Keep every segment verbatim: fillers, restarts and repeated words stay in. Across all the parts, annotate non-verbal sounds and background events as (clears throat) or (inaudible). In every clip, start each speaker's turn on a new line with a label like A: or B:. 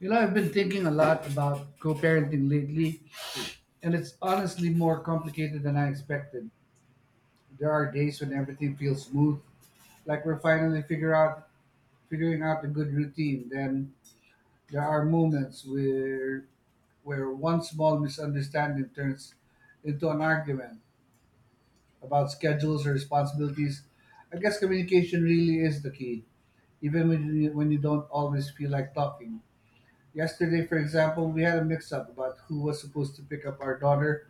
A: You know, I've been thinking a lot about co parenting lately, and it's honestly more complicated than I expected. There are days when everything feels smooth, like we're finally figure out figuring out a good routine. Then there are moments where where one small misunderstanding turns into an argument about schedules or responsibilities. I guess communication really is the key, even when you, when you don't always feel like talking. Yesterday, for example, we had a mix up about who was supposed to pick up our daughter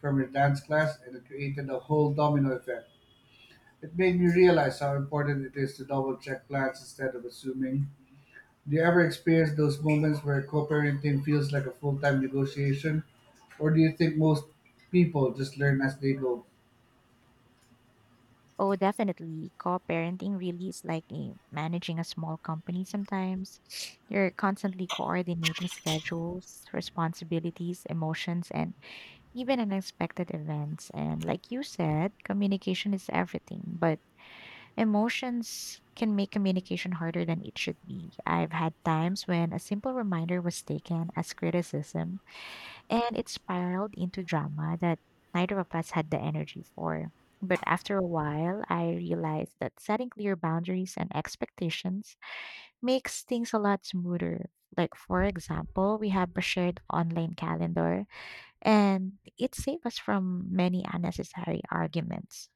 A: from her dance class, and it created a whole domino effect. It made me realize how important it is to double check plans instead of assuming. Do you ever experience those moments where co parenting feels like a full time negotiation? Or do you think most people just learn as they go?
B: Oh, definitely. Co-parenting really is like a, managing a small company sometimes. (sniffs) You're constantly coordinating schedules, responsibilities, emotions, and even unexpected events. And like you said, communication is everything, but emotions can make communication harder than it should be. I've had times when a simple reminder was taken as criticism and it spiraled into drama that neither of us had the energy for. But after a while, I realized that setting clear boundaries and expectations makes things a lot smoother. Like, for example, we have a shared online calendar, and it saved us from many unnecessary arguments.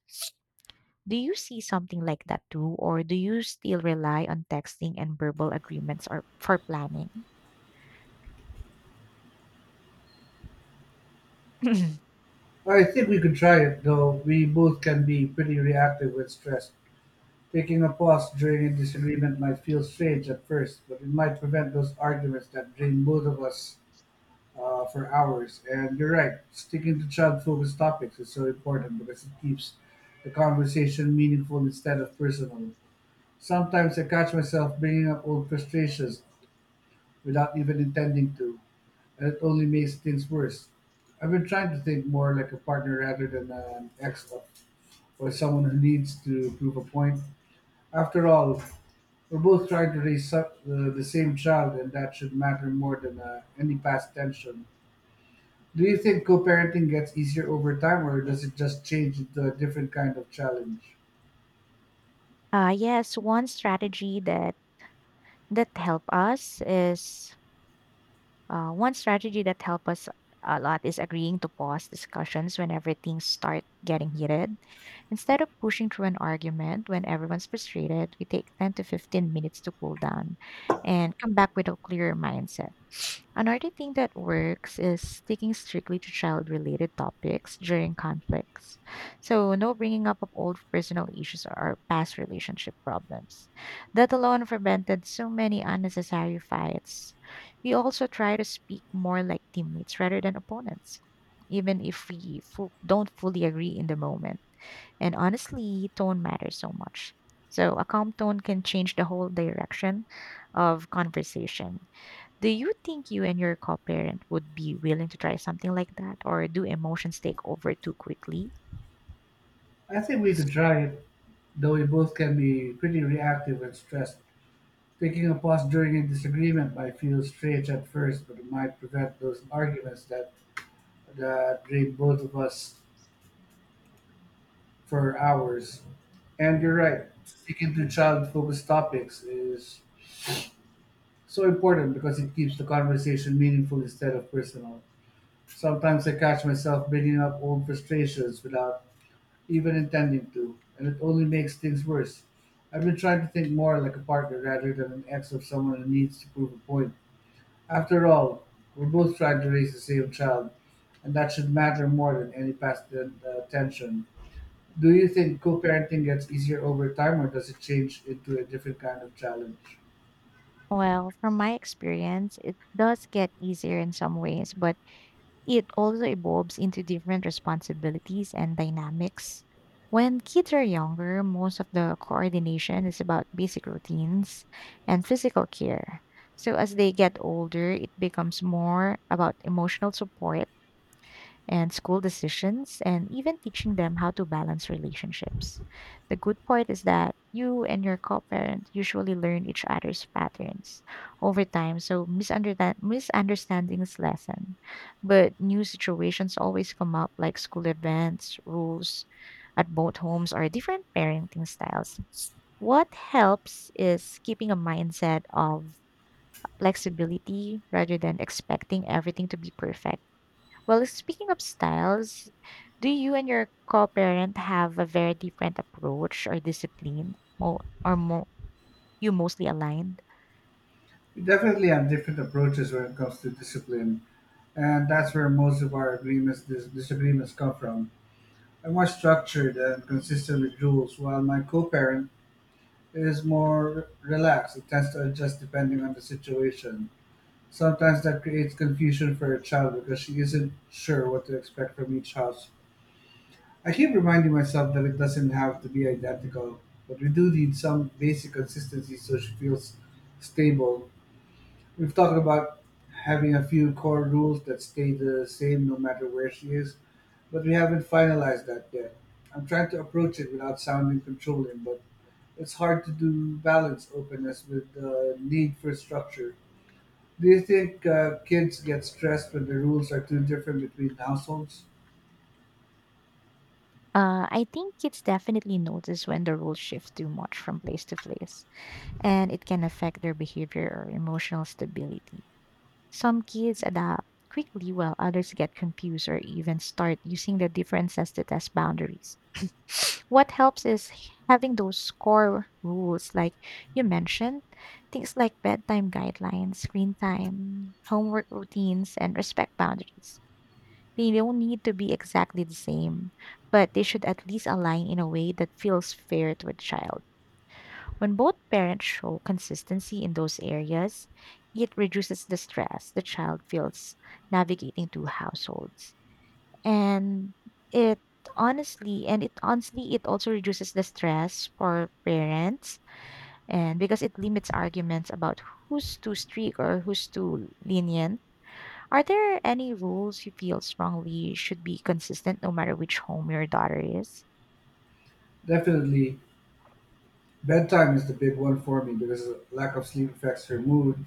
B: Do you see something like that too, or do you still rely on texting and verbal agreements or for planning? (clears throat)
A: Well, I think we could try it, though we both can be pretty reactive when stressed. Taking a pause during a disagreement might feel strange at first, but it might prevent those arguments that drain both of us uh, for hours. And you're right, sticking to child focused topics is so important because it keeps the conversation meaningful instead of personal. Sometimes I catch myself bringing up old frustrations without even intending to, and it only makes things worse. I've been trying to think more like a partner rather than an ex or someone who needs to prove a point. After all, we're both trying to raise so- uh, the same child, and that should matter more than uh, any past tension. Do you think co parenting gets easier over time, or does it just change into a different kind of challenge?
B: Uh, yes, one strategy that that help us is uh, one strategy that help us a lot is agreeing to pause discussions whenever things start getting heated. Instead of pushing through an argument when everyone's frustrated, we take ten to fifteen minutes to cool down and come back with a clearer mindset. Another thing that works is sticking strictly to child related topics during conflicts. So, no bringing up of old personal issues or past relationship problems. That alone prevented so many unnecessary fights. We also try to speak more like teammates rather than opponents, even if we fu- don't fully agree in the moment. And honestly, tone matters so much. So, a calm tone can change the whole direction of conversation. Do you think you and your co-parent would be willing to try something like that, or do emotions take over too quickly?
A: I think we could try it, though we both can be pretty reactive and stressed. Taking a pause during a disagreement might feel strange at first, but it might prevent those arguments that, that drain both of us for hours. And you're right, sticking to child focused topics is so important because it keeps the conversation meaningful instead of personal. Sometimes I catch myself bringing up old frustrations without even intending to, and it only makes things worse. I've been trying to think more like a partner rather than an ex of someone who needs to prove a point. After all, we're both trying to raise the same child, and that should matter more than any past uh, tension. Do you think co parenting gets easier over time, or does it change into a different kind of challenge?
B: Well, from my experience, it does get easier in some ways, but it also evolves into different responsibilities and dynamics. When kids are younger, most of the coordination is about basic routines and physical care. So as they get older, it becomes more about emotional support and school decisions and even teaching them how to balance relationships. The good part is that you and your co-parent usually learn each other's patterns over time, so misunderstand- misunderstandings lessen. But new situations always come up like school events, rules at both homes or different parenting styles. What helps is keeping a mindset of flexibility rather than expecting everything to be perfect. Well, speaking of styles, do you and your co-parent have a very different approach or discipline, mo- or mo- you mostly aligned?
A: We definitely have different approaches when it comes to discipline, and that's where most of our agreements dis- disagreements come from. I'm more structured and consistent with rules, while my co-parent is more relaxed. It tends to adjust depending on the situation. Sometimes that creates confusion for her child because she isn't sure what to expect from each house. I keep reminding myself that it doesn't have to be identical, but we do need some basic consistency so she feels stable. We've talked about having a few core rules that stay the same no matter where she is, but we haven't finalized that yet. I'm trying to approach it without sounding controlling, but it's hard to do balance openness with the need for structure. Do you think uh, kids get stressed when the rules are too different between households?
B: Uh, I think kids definitely notice when the rules shift too much from place to place, and it can affect their behavior or emotional stability. Some kids adapt quickly, while others get confused or even start using the differences to test boundaries. What helps is having those core rules like you mentioned, things like bedtime guidelines, screen time, homework routines and respect boundaries. They don't need to be exactly the same, but they should at least align in a way that feels fair to a child. When both parents show consistency in those areas, it reduces the stress the child feels navigating two households. And it honestly, and it honestly, it also reduces the stress for parents and because it limits arguments about who's too strict or who's too lenient. Are there any rules you feel strongly should be consistent no matter which home your daughter is?
A: Definitely, bedtime is the big one for me because lack of sleep affects her mood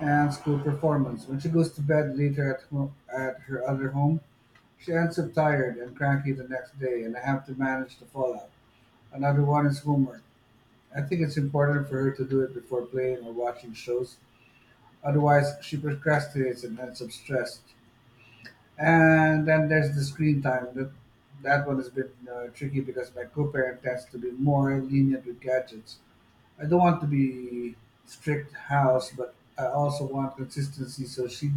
A: and school performance. When she goes to bed later at, home, at her other home, she ends up tired and cranky the next day and I have to manage the fallout. Another one is homework. I think it's important for her to do it before playing or watching shows, otherwise she procrastinates and ends up stressed. And then there's the screen time. That that one has been uh, tricky because my co-parent tends to be more lenient with gadgets. I don't want to be strict house, but I also want consistency so she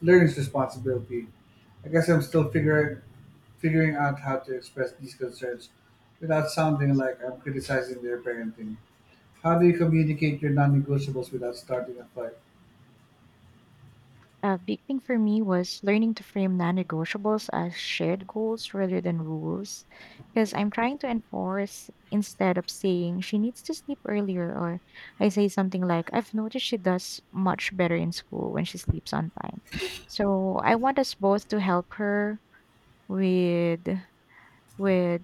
A: learns responsibility. I guess I'm still figuring figuring out how to express these concerns without sounding like I'm criticizing their parenting. How do you communicate your non-negotiables without starting a fight?
B: A big thing for me was learning to frame non negotiables as shared goals rather than rules. Because I'm trying to enforce instead of saying she needs to sleep earlier, or I say something like, I've noticed she does much better in school when she sleeps on time. So I want us both to help her with with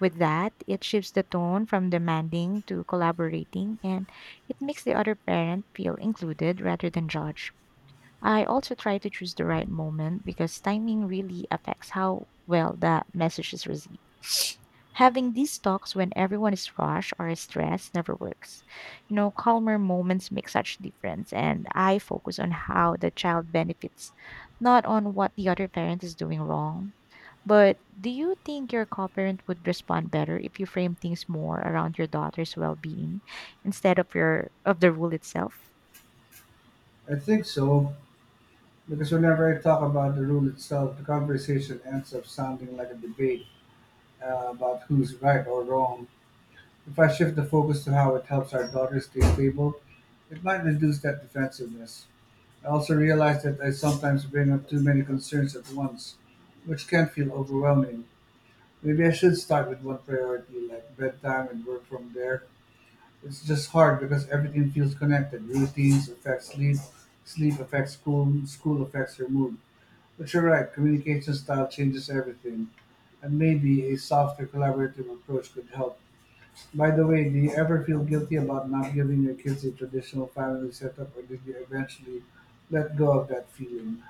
B: with that. It shifts the tone from demanding to collaborating and it makes the other parent feel included rather than judged. I also try to choose the right moment because timing really affects how well the message is received. (sniffs) Having these talks when everyone is rushed or stressed never works. You know, calmer moments make such difference and I focus on how the child benefits, not on what the other parent is doing wrong. But do you think your co-parent would respond better if you frame things more around your daughter's well-being instead of your of the rule itself?
A: I think so. Because whenever I talk about the rule itself, the conversation ends up sounding like a debate uh, about who's right or wrong. If I shift the focus to how it helps our daughters stay stable, it might reduce that defensiveness. I also realize that I sometimes bring up too many concerns at once, which can feel overwhelming. Maybe I should start with one priority, like bedtime, and work from there. It's just hard because everything feels connected. Routines affect sleep, sleep affects school, school affects your mood. But you're right, communication style changes everything. And maybe a softer collaborative approach could help. By the way, do you ever feel guilty about not giving your kids a traditional family setup, or did you eventually let go of that feeling?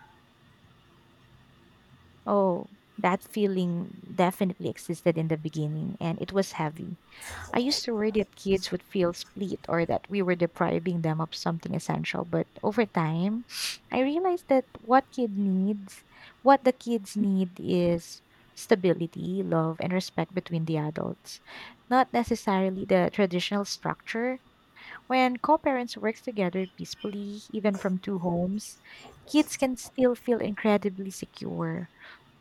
B: Oh, that feeling definitely existed in the beginning, and it was heavy. I used to worry that kids would feel split or that we were depriving them of something essential, but over time, (sniffs) I realized that what kid needs, what the kids need is stability, love, and respect between the adults, not necessarily the traditional structure. When co-parents work together peacefully, even from two homes, kids can still feel incredibly secure.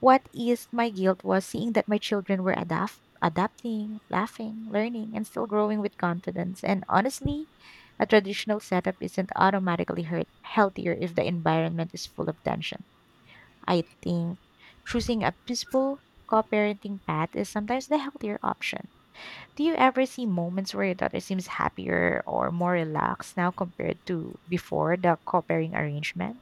B: What eased my guilt was seeing that my children were adapt- adapting, laughing, learning, and still growing with confidence. And honestly, a traditional setup isn't automatically hurt- healthier if the environment is full of tension. I think choosing a peaceful co parenting path is sometimes the healthier option. Do you ever see moments where your daughter seems happier or more relaxed now compared to before the co parenting arrangement?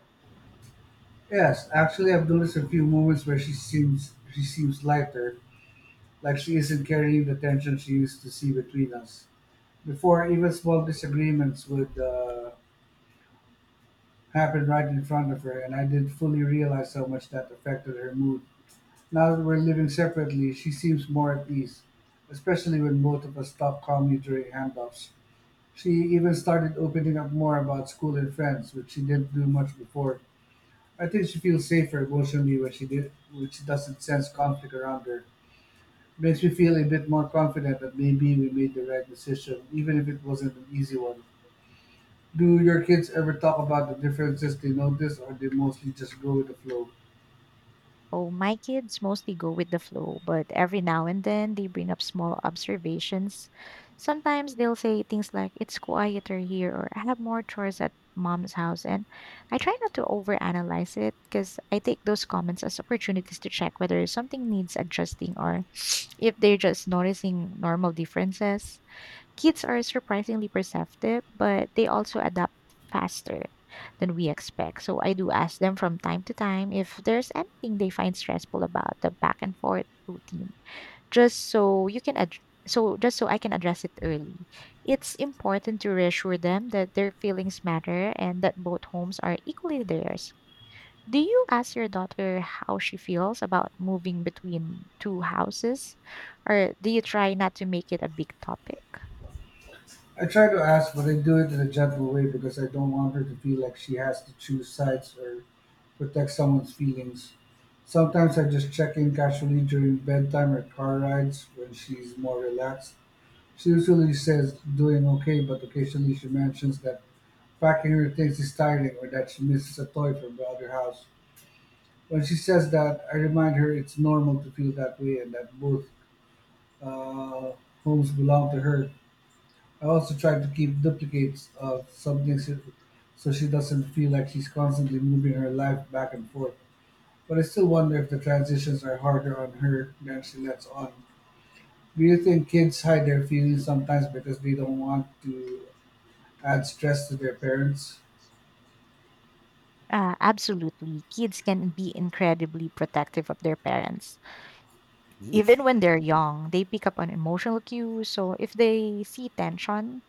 A: Yes, actually, I've noticed a few moments where she seems she seems lighter, like she isn't carrying the tension she used to see between us. Before, even small disagreements would uh, happen right in front of her, and I didn't fully realize how much that affected her mood. Now that we're living separately she seems more at ease, especially when both of us talk calmly during handoffs. She even started opening up more about school and friends, which she didn't do much before. I think she feels safer emotionally when she did when she doesn't sense conflict around her. Makes me feel a bit more confident that maybe we made the right decision, even if it wasn't an easy one. Do your kids ever talk about the differences they notice or they mostly just go with the flow?
B: Oh, my kids mostly go with the flow, but every now and then they bring up small observations. Sometimes they'll say things like, it's quieter here, or I have more chores at mom's house. And I try not to overanalyze it because I take those comments as opportunities to check whether something needs adjusting or (sniffs) if they're just noticing normal differences. Kids are surprisingly perceptive, but they also adapt faster than we expect. So I do ask them from time to time if there's anything they find stressful about the back and forth routine, just so you can ad- so just so I can address it early. It's important to reassure them that their feelings matter and that both homes are equally theirs. Do you ask your daughter how she feels about moving between two houses, or do you try not to make it a big topic?
A: I try to ask, but I do it in a gentle way because I don't want her to feel like she has to choose sides or protect someone's feelings. Sometimes I just check in casually during bedtime or car rides when she's more relaxed. She usually says doing okay, but occasionally she mentions that packing her things is tiring or that she misses a toy from the other house. When she says that, I remind her it's normal to feel that way and that both uh, homes belong to her. I also try to keep duplicates of something so so she doesn't feel like she's constantly moving her life back and forth. But I still wonder if the transitions are harder on her than she lets on. Do you think kids hide their feelings sometimes because they don't want to add stress to their parents?
B: Uh, absolutely. Kids can be incredibly protective of their parents. Mm. Even when they're young, they pick up on emotional cues. So if they see tension,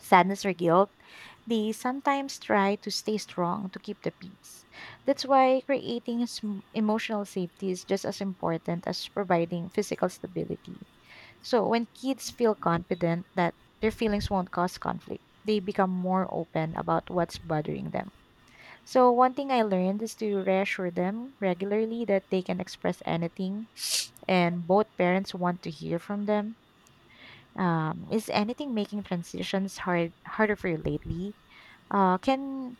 B: sadness, or guilt, they sometimes try to stay strong to keep the peace. That's why creating sm- emotional safety is just as important as providing physical stability. So when kids feel confident that their feelings won't cause conflict, they become more open about what's bothering them. So, one thing I learned is to reassure them regularly that they can express anything, and both parents want to hear from them. Um, is anything making transitions hard harder for you lately? Uh, can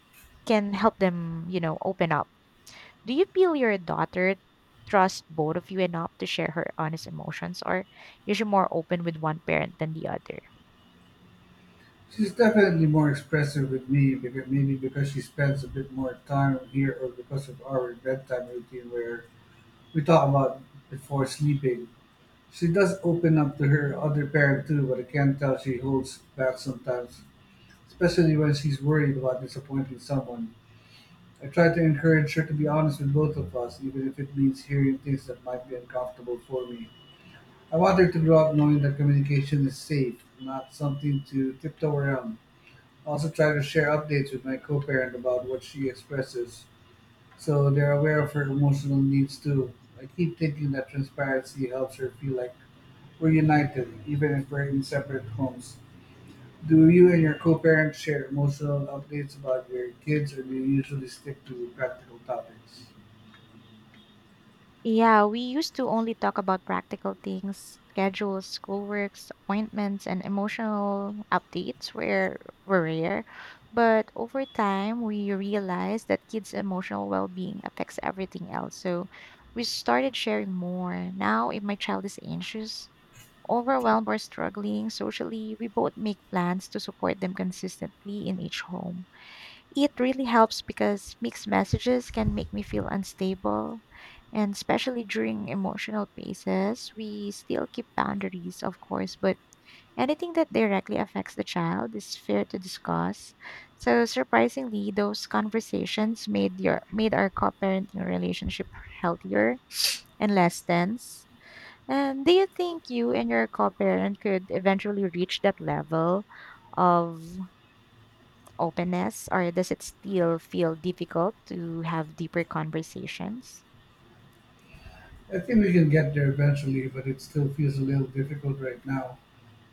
B: can help them, you know, open up. Do you feel your daughter trusts both of you enough to share her honest emotions, or is she more open with one parent than the other?
A: She's definitely more expressive with me, because maybe because she spends a bit more time here or because of our bedtime routine where we talk about before sleeping. She does open up to her other parent too, but I can tell she holds back sometimes, especially when she's worried about disappointing someone. I try to encourage her to be honest with both of us, even if it means hearing things that might be uncomfortable for me. I want her to grow up knowing that communication is safe, not something to tiptoe around. I also try to share updates with my co parent about what she expresses, so they're aware of her emotional needs too. I keep thinking that transparency helps her feel like we're united, even if we're in separate homes. Do you and your co-parents share emotional updates about your kids, or do you usually stick to practical topics?
B: Yeah, we used to only talk about practical things, schedules, schoolworks, appointments, and emotional updates were, were rare. But over time, we realized that kids' emotional well being affects everything else. So we started sharing more. Now, if my child is anxious, overwhelmed, or struggling socially, we both make plans to support them consistently in each home. It really helps because mixed messages can make me feel unstable. And especially during emotional phases, we still keep boundaries, of course, but anything that directly affects the child is fair to discuss. So surprisingly, those conversations made your made our co-parenting relationship healthier and less tense. And do you think you and your co-parent could eventually reach that level of openness, or does it still feel difficult to have deeper conversations?
A: I think we can get there eventually, but it still feels a little difficult right now.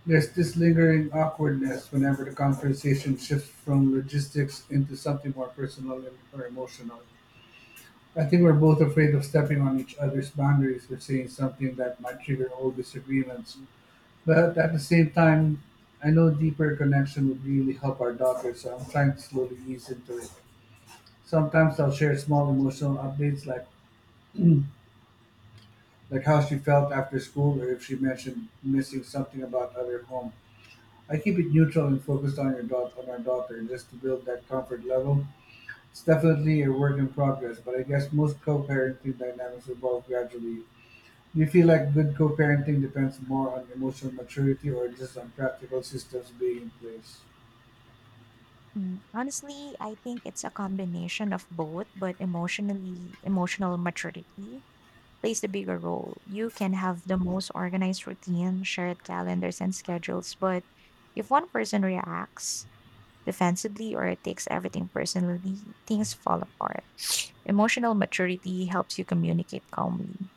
A: There's this lingering awkwardness whenever the conversation shifts from logistics into something more personal and- or emotional. I think we're both afraid of stepping on each other's boundaries or saying something that might trigger old disagreements. But at the same time, I know deeper connection would really help our daughter, so I'm trying to slowly ease into it. Sometimes I'll share small emotional updates like like how she felt after school or if she mentioned missing something about other home. I keep it neutral and focused on your daughter on our daughter just to build that comfort level. It's definitely a work in progress, but I guess most co-parenting dynamics evolve gradually. Do you feel like good co-parenting depends more on emotional maturity or just on practical systems being in place?
B: Mm, honestly, I think it's a combination of both, but emotionally, emotional maturity plays the bigger role. You can have the most organized routine, shared calendars and schedules, but if one person reacts defensively or takes everything personally, things fall apart. (sniffs) Emotional maturity helps you communicate calmly.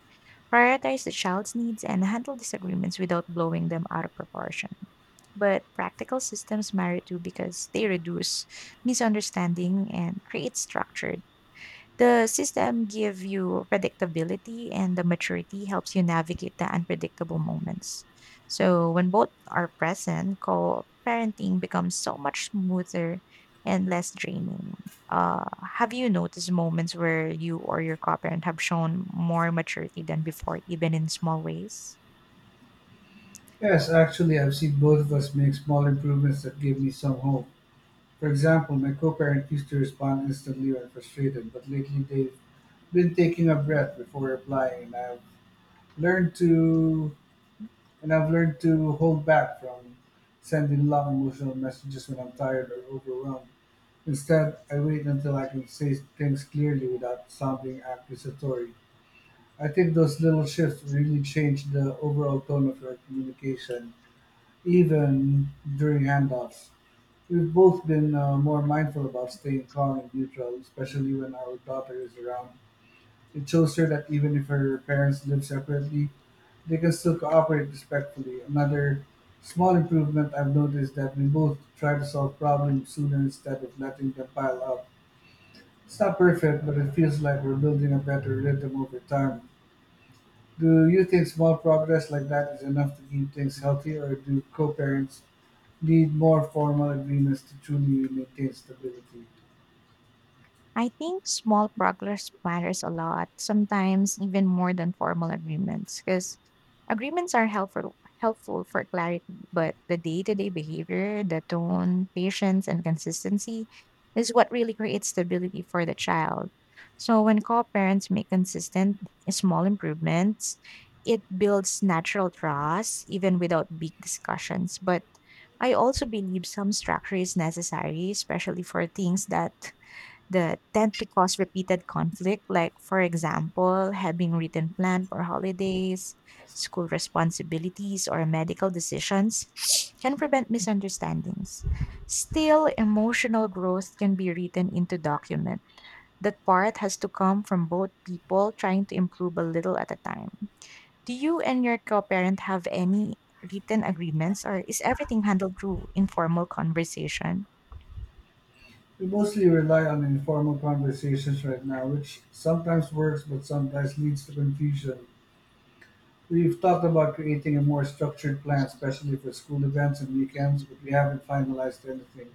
B: Prioritize the child's needs and handle disagreements without blowing them out of proportion. But practical systems matter too because they reduce misunderstanding and create structure. The system give you predictability and the maturity helps you navigate the unpredictable moments. So when both are present, co-parenting becomes so much smoother and less draining. Uh, have you noticed moments where you or your co-parent have shown more maturity than before, even in small ways?
A: Yes, actually, I've seen both of us make small improvements that give me some hope. For example, my co parent used to respond instantly when frustrated, but lately they've been taking a breath before replying, and I've learned to and I've learned to hold back from sending long emotional messages when I'm tired or overwhelmed. Instead, I wait until I can say things clearly without sounding accusatory. I think those little shifts really change the overall tone of our communication even during handoffs, we've both been uh, more mindful about staying calm and neutral, especially when our daughter is around. It shows her that even if her parents live separately, they can still cooperate respectfully. Another small improvement I've noticed that we both try to solve problems sooner instead of letting them pile up. It's not perfect, but it feels like we're building a better rhythm over time. Do you think small progress like that is enough to keep things healthy, or do co parents need more formal agreements to truly maintain stability?
B: I think small progress matters a lot, sometimes even more than formal agreements, because agreements are helpful helpful for clarity, but the day-to-day behavior, the tone, patience, and consistency is what really creates stability for the child. So when co-parents make consistent small improvements, it builds natural trust even without big discussions. But I also believe some structure is necessary, especially for things that that tend to cause repeated conflict, like, for example, having written plan for holidays, school responsibilities, or medical decisions, (sniffs) can prevent misunderstandings. Still, emotional growth can be written into document. That part has to come from both people trying to improve a little at a time. Do you and your co-parent have any written agreements, or is everything handled through informal conversation?
A: We mostly rely on informal conversations right now, which sometimes works but sometimes leads to confusion. We've talked about creating a more structured plan, especially for school events and weekends, but we haven't finalized anything.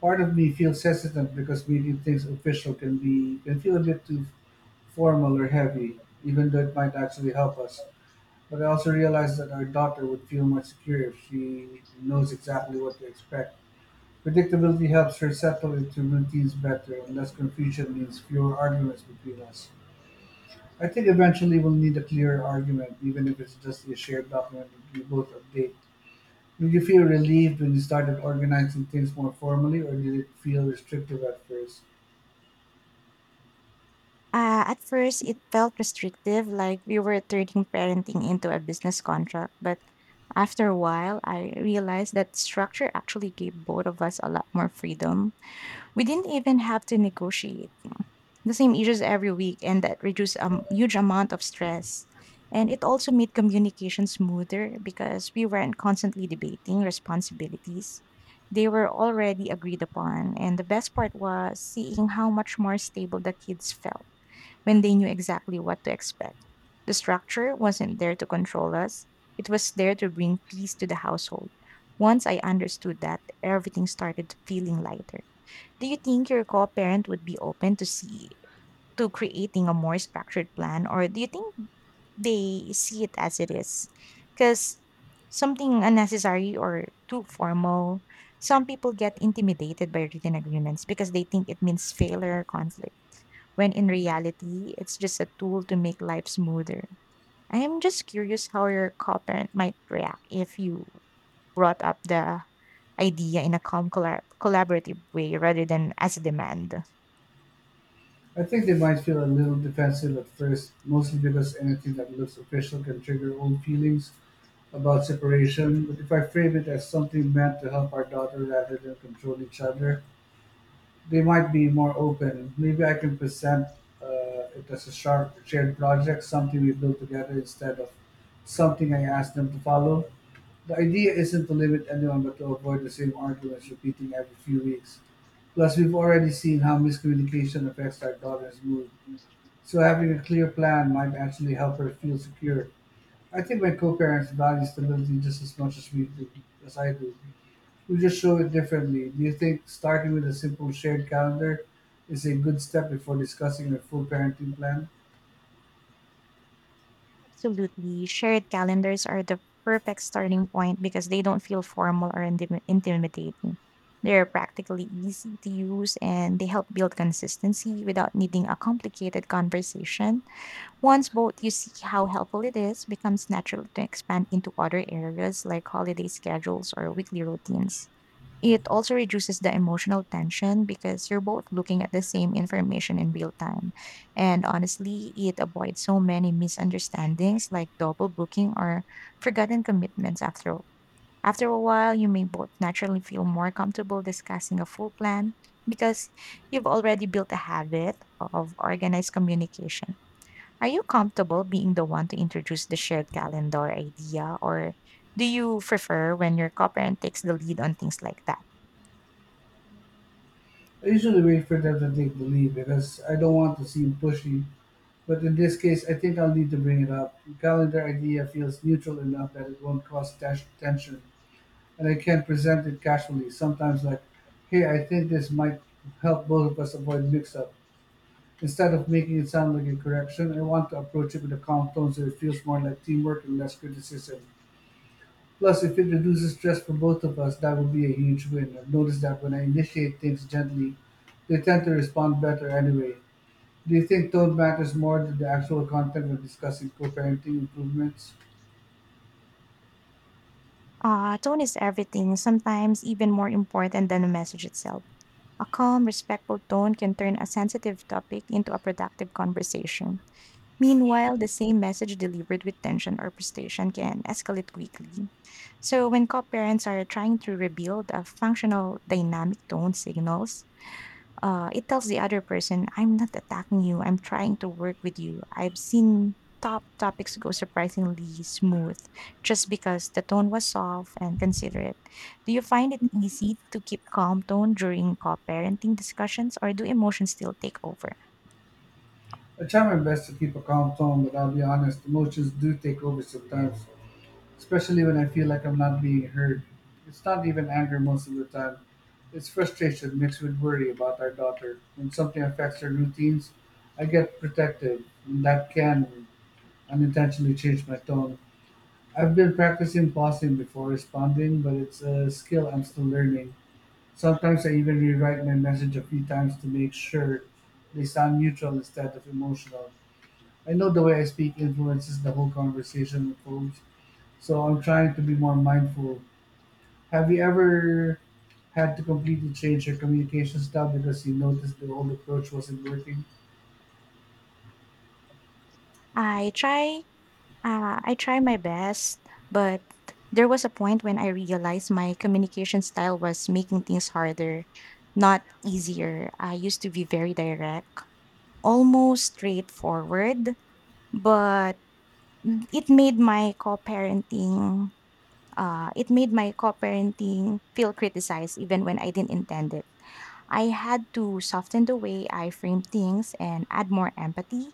A: Part of me feels hesitant because making things official can be can feel a bit too formal or heavy, even though it might actually help us. But I also realize that our daughter would feel more secure if she knows exactly what to expect. Predictability helps her settle into routines better, and less confusion means fewer arguments between us. I think eventually we'll need a clearer argument, even if it's just a shared document that we both update. Did you feel relieved when you started organizing things more formally, or did it feel restrictive at first?
B: Uh, at first, it felt restrictive, like we were turning parenting into a business contract. But after a while, I realized that structure actually gave both of us a lot more freedom. We didn't even have to negotiate the same issues every week, and that reduced a m- huge amount of stress. And it also made communication smoother because we weren't constantly debating responsibilities. They were already agreed upon. And the best part was seeing how much more stable the kids felt when they knew exactly what to expect. The structure wasn't there to control us, it was there to bring peace to the household. Once I understood that, everything started feeling lighter. Do you think your co-parent would be open to see to creating a more structured plan, or do you think they see it as it is? Cuz something unnecessary or too formal, some people get intimidated by written agreements because they think it means failure or conflict when in reality, it's just a tool to make life smoother. I am just curious how your co-parent might react if you brought up the idea in a calm, colla- collaborative way rather than as a demand.
A: I think they might feel a little defensive at first, mostly because anything that looks official can trigger old feelings about separation. But if I frame it as something meant to help our daughter rather than control each other, they might be more open. Maybe I can present uh, it as a shar- shared project, something we built together instead of something I ask them to follow. The idea isn't to limit anyone, but to avoid the same arguments repeating every few weeks. Plus, we've already seen how miscommunication affects our daughter's mood, so having a clear plan might actually help her feel secure. I think my co-parents value stability just as much as we do, as I do. We just show it differently. Do you think starting with a simple shared calendar is a good step before discussing a full parenting plan?
B: Absolutely. Shared calendars are the perfect starting point because they don't feel formal or intim- intimidating. They're practically easy to use, and they help build consistency without needing a complicated conversation. Once both you see how helpful it is, becomes natural to expand into other areas like holiday schedules or weekly routines. It also reduces the emotional tension because you're both looking at the same information in real time. And honestly, it avoids so many misunderstandings like double booking or forgotten commitments after all. After a while, you may both naturally feel more comfortable discussing a full plan because you've already built a habit of organized communication. Are you comfortable being the one to introduce the shared calendar idea, or do you prefer when your co-parent takes the lead on things like that?
A: I usually wait for them to take the lead because I don't want to seem pushy. But in this case, I think I'll need to bring it up. The calendar idea feels neutral enough that it won't cause tas- tension, and I can present it casually, sometimes like, hey, I think this might help both of us avoid mix up. Instead of making it sound like a correction, I want to approach it with a calm tone so it feels more like teamwork and less criticism. Plus, if it reduces stress for both of us, that would be a huge win. I've noticed that when I initiate things gently, they tend to respond better anyway. Do you think tone matters more than the actual content when discussing co parenting improvements?
B: Uh, tone is everything, sometimes even more important than the message itself. A calm, respectful tone can turn a sensitive topic into a productive conversation. Meanwhile, the same message delivered with tension or frustration can escalate quickly. So, when co parents are trying to rebuild a functional dynamic tone signals, Uh, it tells the other person, I'm not attacking you. I'm trying to work with you. I've seen top topics go surprisingly smooth just because the tone was soft and considerate. Do you find it easy to keep calm tone during co-parenting discussions, or do emotions still take over?
A: I try my best to keep a calm tone, but I'll be honest, emotions do take over sometimes, especially when I feel like I'm not being heard. It's not even anger most of the time, it's frustration mixed with worry about our daughter. When something affects her routines, I get protective, and that can unintentionally changed my tone. I've been practicing pausing before responding, but it's a skill I'm still learning. Sometimes I even rewrite my message a few times to make sure they sound neutral instead of emotional. I know the way I speak influences the whole conversation with folks, so I'm trying to be more mindful. Have you ever had to completely change your communication style because you noticed the old approach wasn't working?
B: I try uh, I try my best, but there was a point when I realized my communication style was making things harder, not easier. I used to be very direct, almost straightforward, but it made my co-parenting Uh, it made my co-parenting feel criticized even when I didn't intend it. I had to soften the way I frame things and add more empathy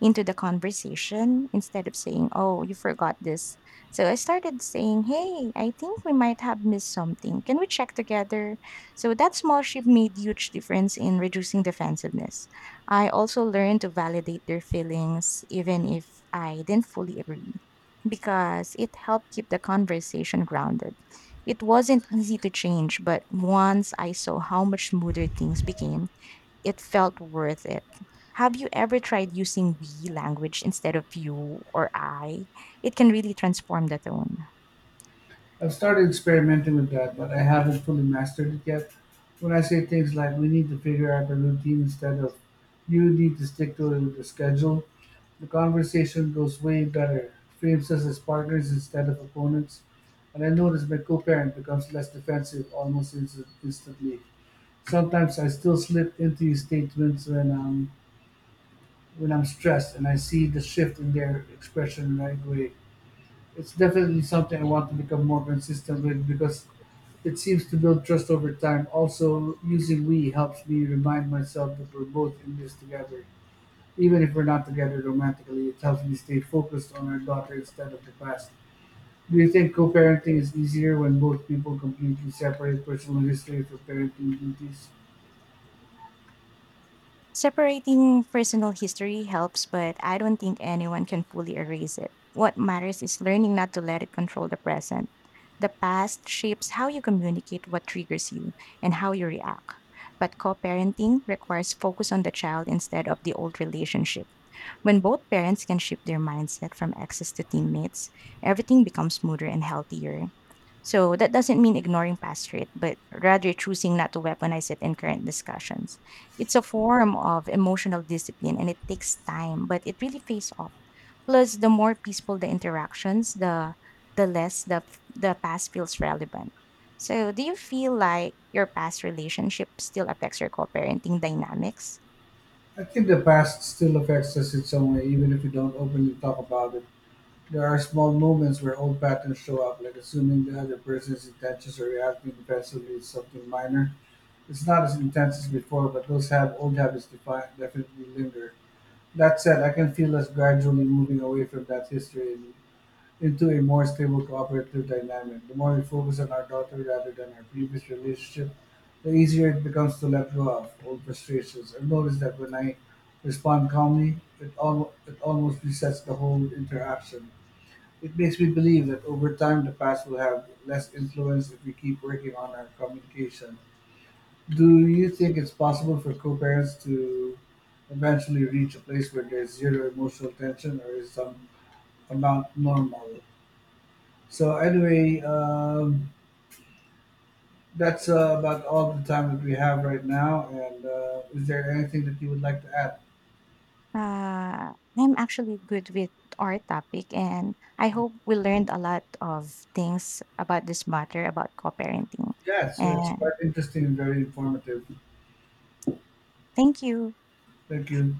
B: into the conversation. Instead of saying, Oh, you forgot this, so I started saying, Hey, I think we might have missed something. Can we check together? So that small shift made huge difference in reducing defensiveness. I also learned to validate their feelings even if I didn't fully agree because it helped keep the conversation grounded. It wasn't easy to change, but once I saw how much smoother things became, it felt worth it. Have you ever tried using we language instead of you or I? It can really transform the tone.
A: I've started experimenting with that, but I haven't fully mastered it yet. When I say things like we need to figure out a routine instead of you need to stick to the schedule, the conversation goes way better. It frames us as partners instead of opponents. And I notice my co parent becomes less defensive almost instant- instantly. Sometimes I still slip into these statements when I'm, when I'm stressed and I see the shift in their expression right away. It's definitely something I want to become more consistent with because it seems to build trust over time. Also, using we helps me remind myself that we're both in this together. Even if we're not together romantically, it helps me stay focused on our daughter instead of the past. Do you think co parenting is easier when both people completely separate personal history for parenting duties?
B: Separating personal history helps, but I don't think anyone can fully erase it. What matters is learning not to let it control the present. The past shapes how you communicate, what triggers you, and how you react. But co parenting requires focus on the child instead of the old relationship. When both parents can shift their mindset from exes to teammates, everything becomes smoother and healthier. So that doesn't mean ignoring past hurt, but rather choosing not to weaponize it in current discussions. It's a form of emotional discipline and it takes time, but it really pays off. Plus, the more peaceful the interactions, the the less the the past feels relevant. So, do you feel like your past relationship still affects your co-parenting dynamics?
A: I think the past still affects us in some way, even if we don't openly talk about it. There are small moments where old patterns show up, like assuming the other person's intentions or reacting defensively to something minor. It's not as intense as before, but those have old habits defi- definitely linger. That said, I can feel us gradually moving away from that history and into a more stable cooperative dynamic. The more we focus on our daughter rather than our previous relationship, the easier it becomes to let go of old frustrations. I've noticed that when I respond calmly, it, al- it almost resets the whole interaction. It makes me believe that over time the past will have less influence if we keep working on our communication. Do you think it's possible for co parents to eventually reach a place where there's zero emotional tension, or is some amount normal? So, anyway, um, that's uh, about all the time that we have right now. And uh, is there anything that you would like to add?
B: Uh, I'm actually good with our topic, and I hope we learned a lot of things about this matter about co-parenting.
A: Yeah, so it's quite
B: And
A: interesting and very informative.
B: thank you.
A: Thank you.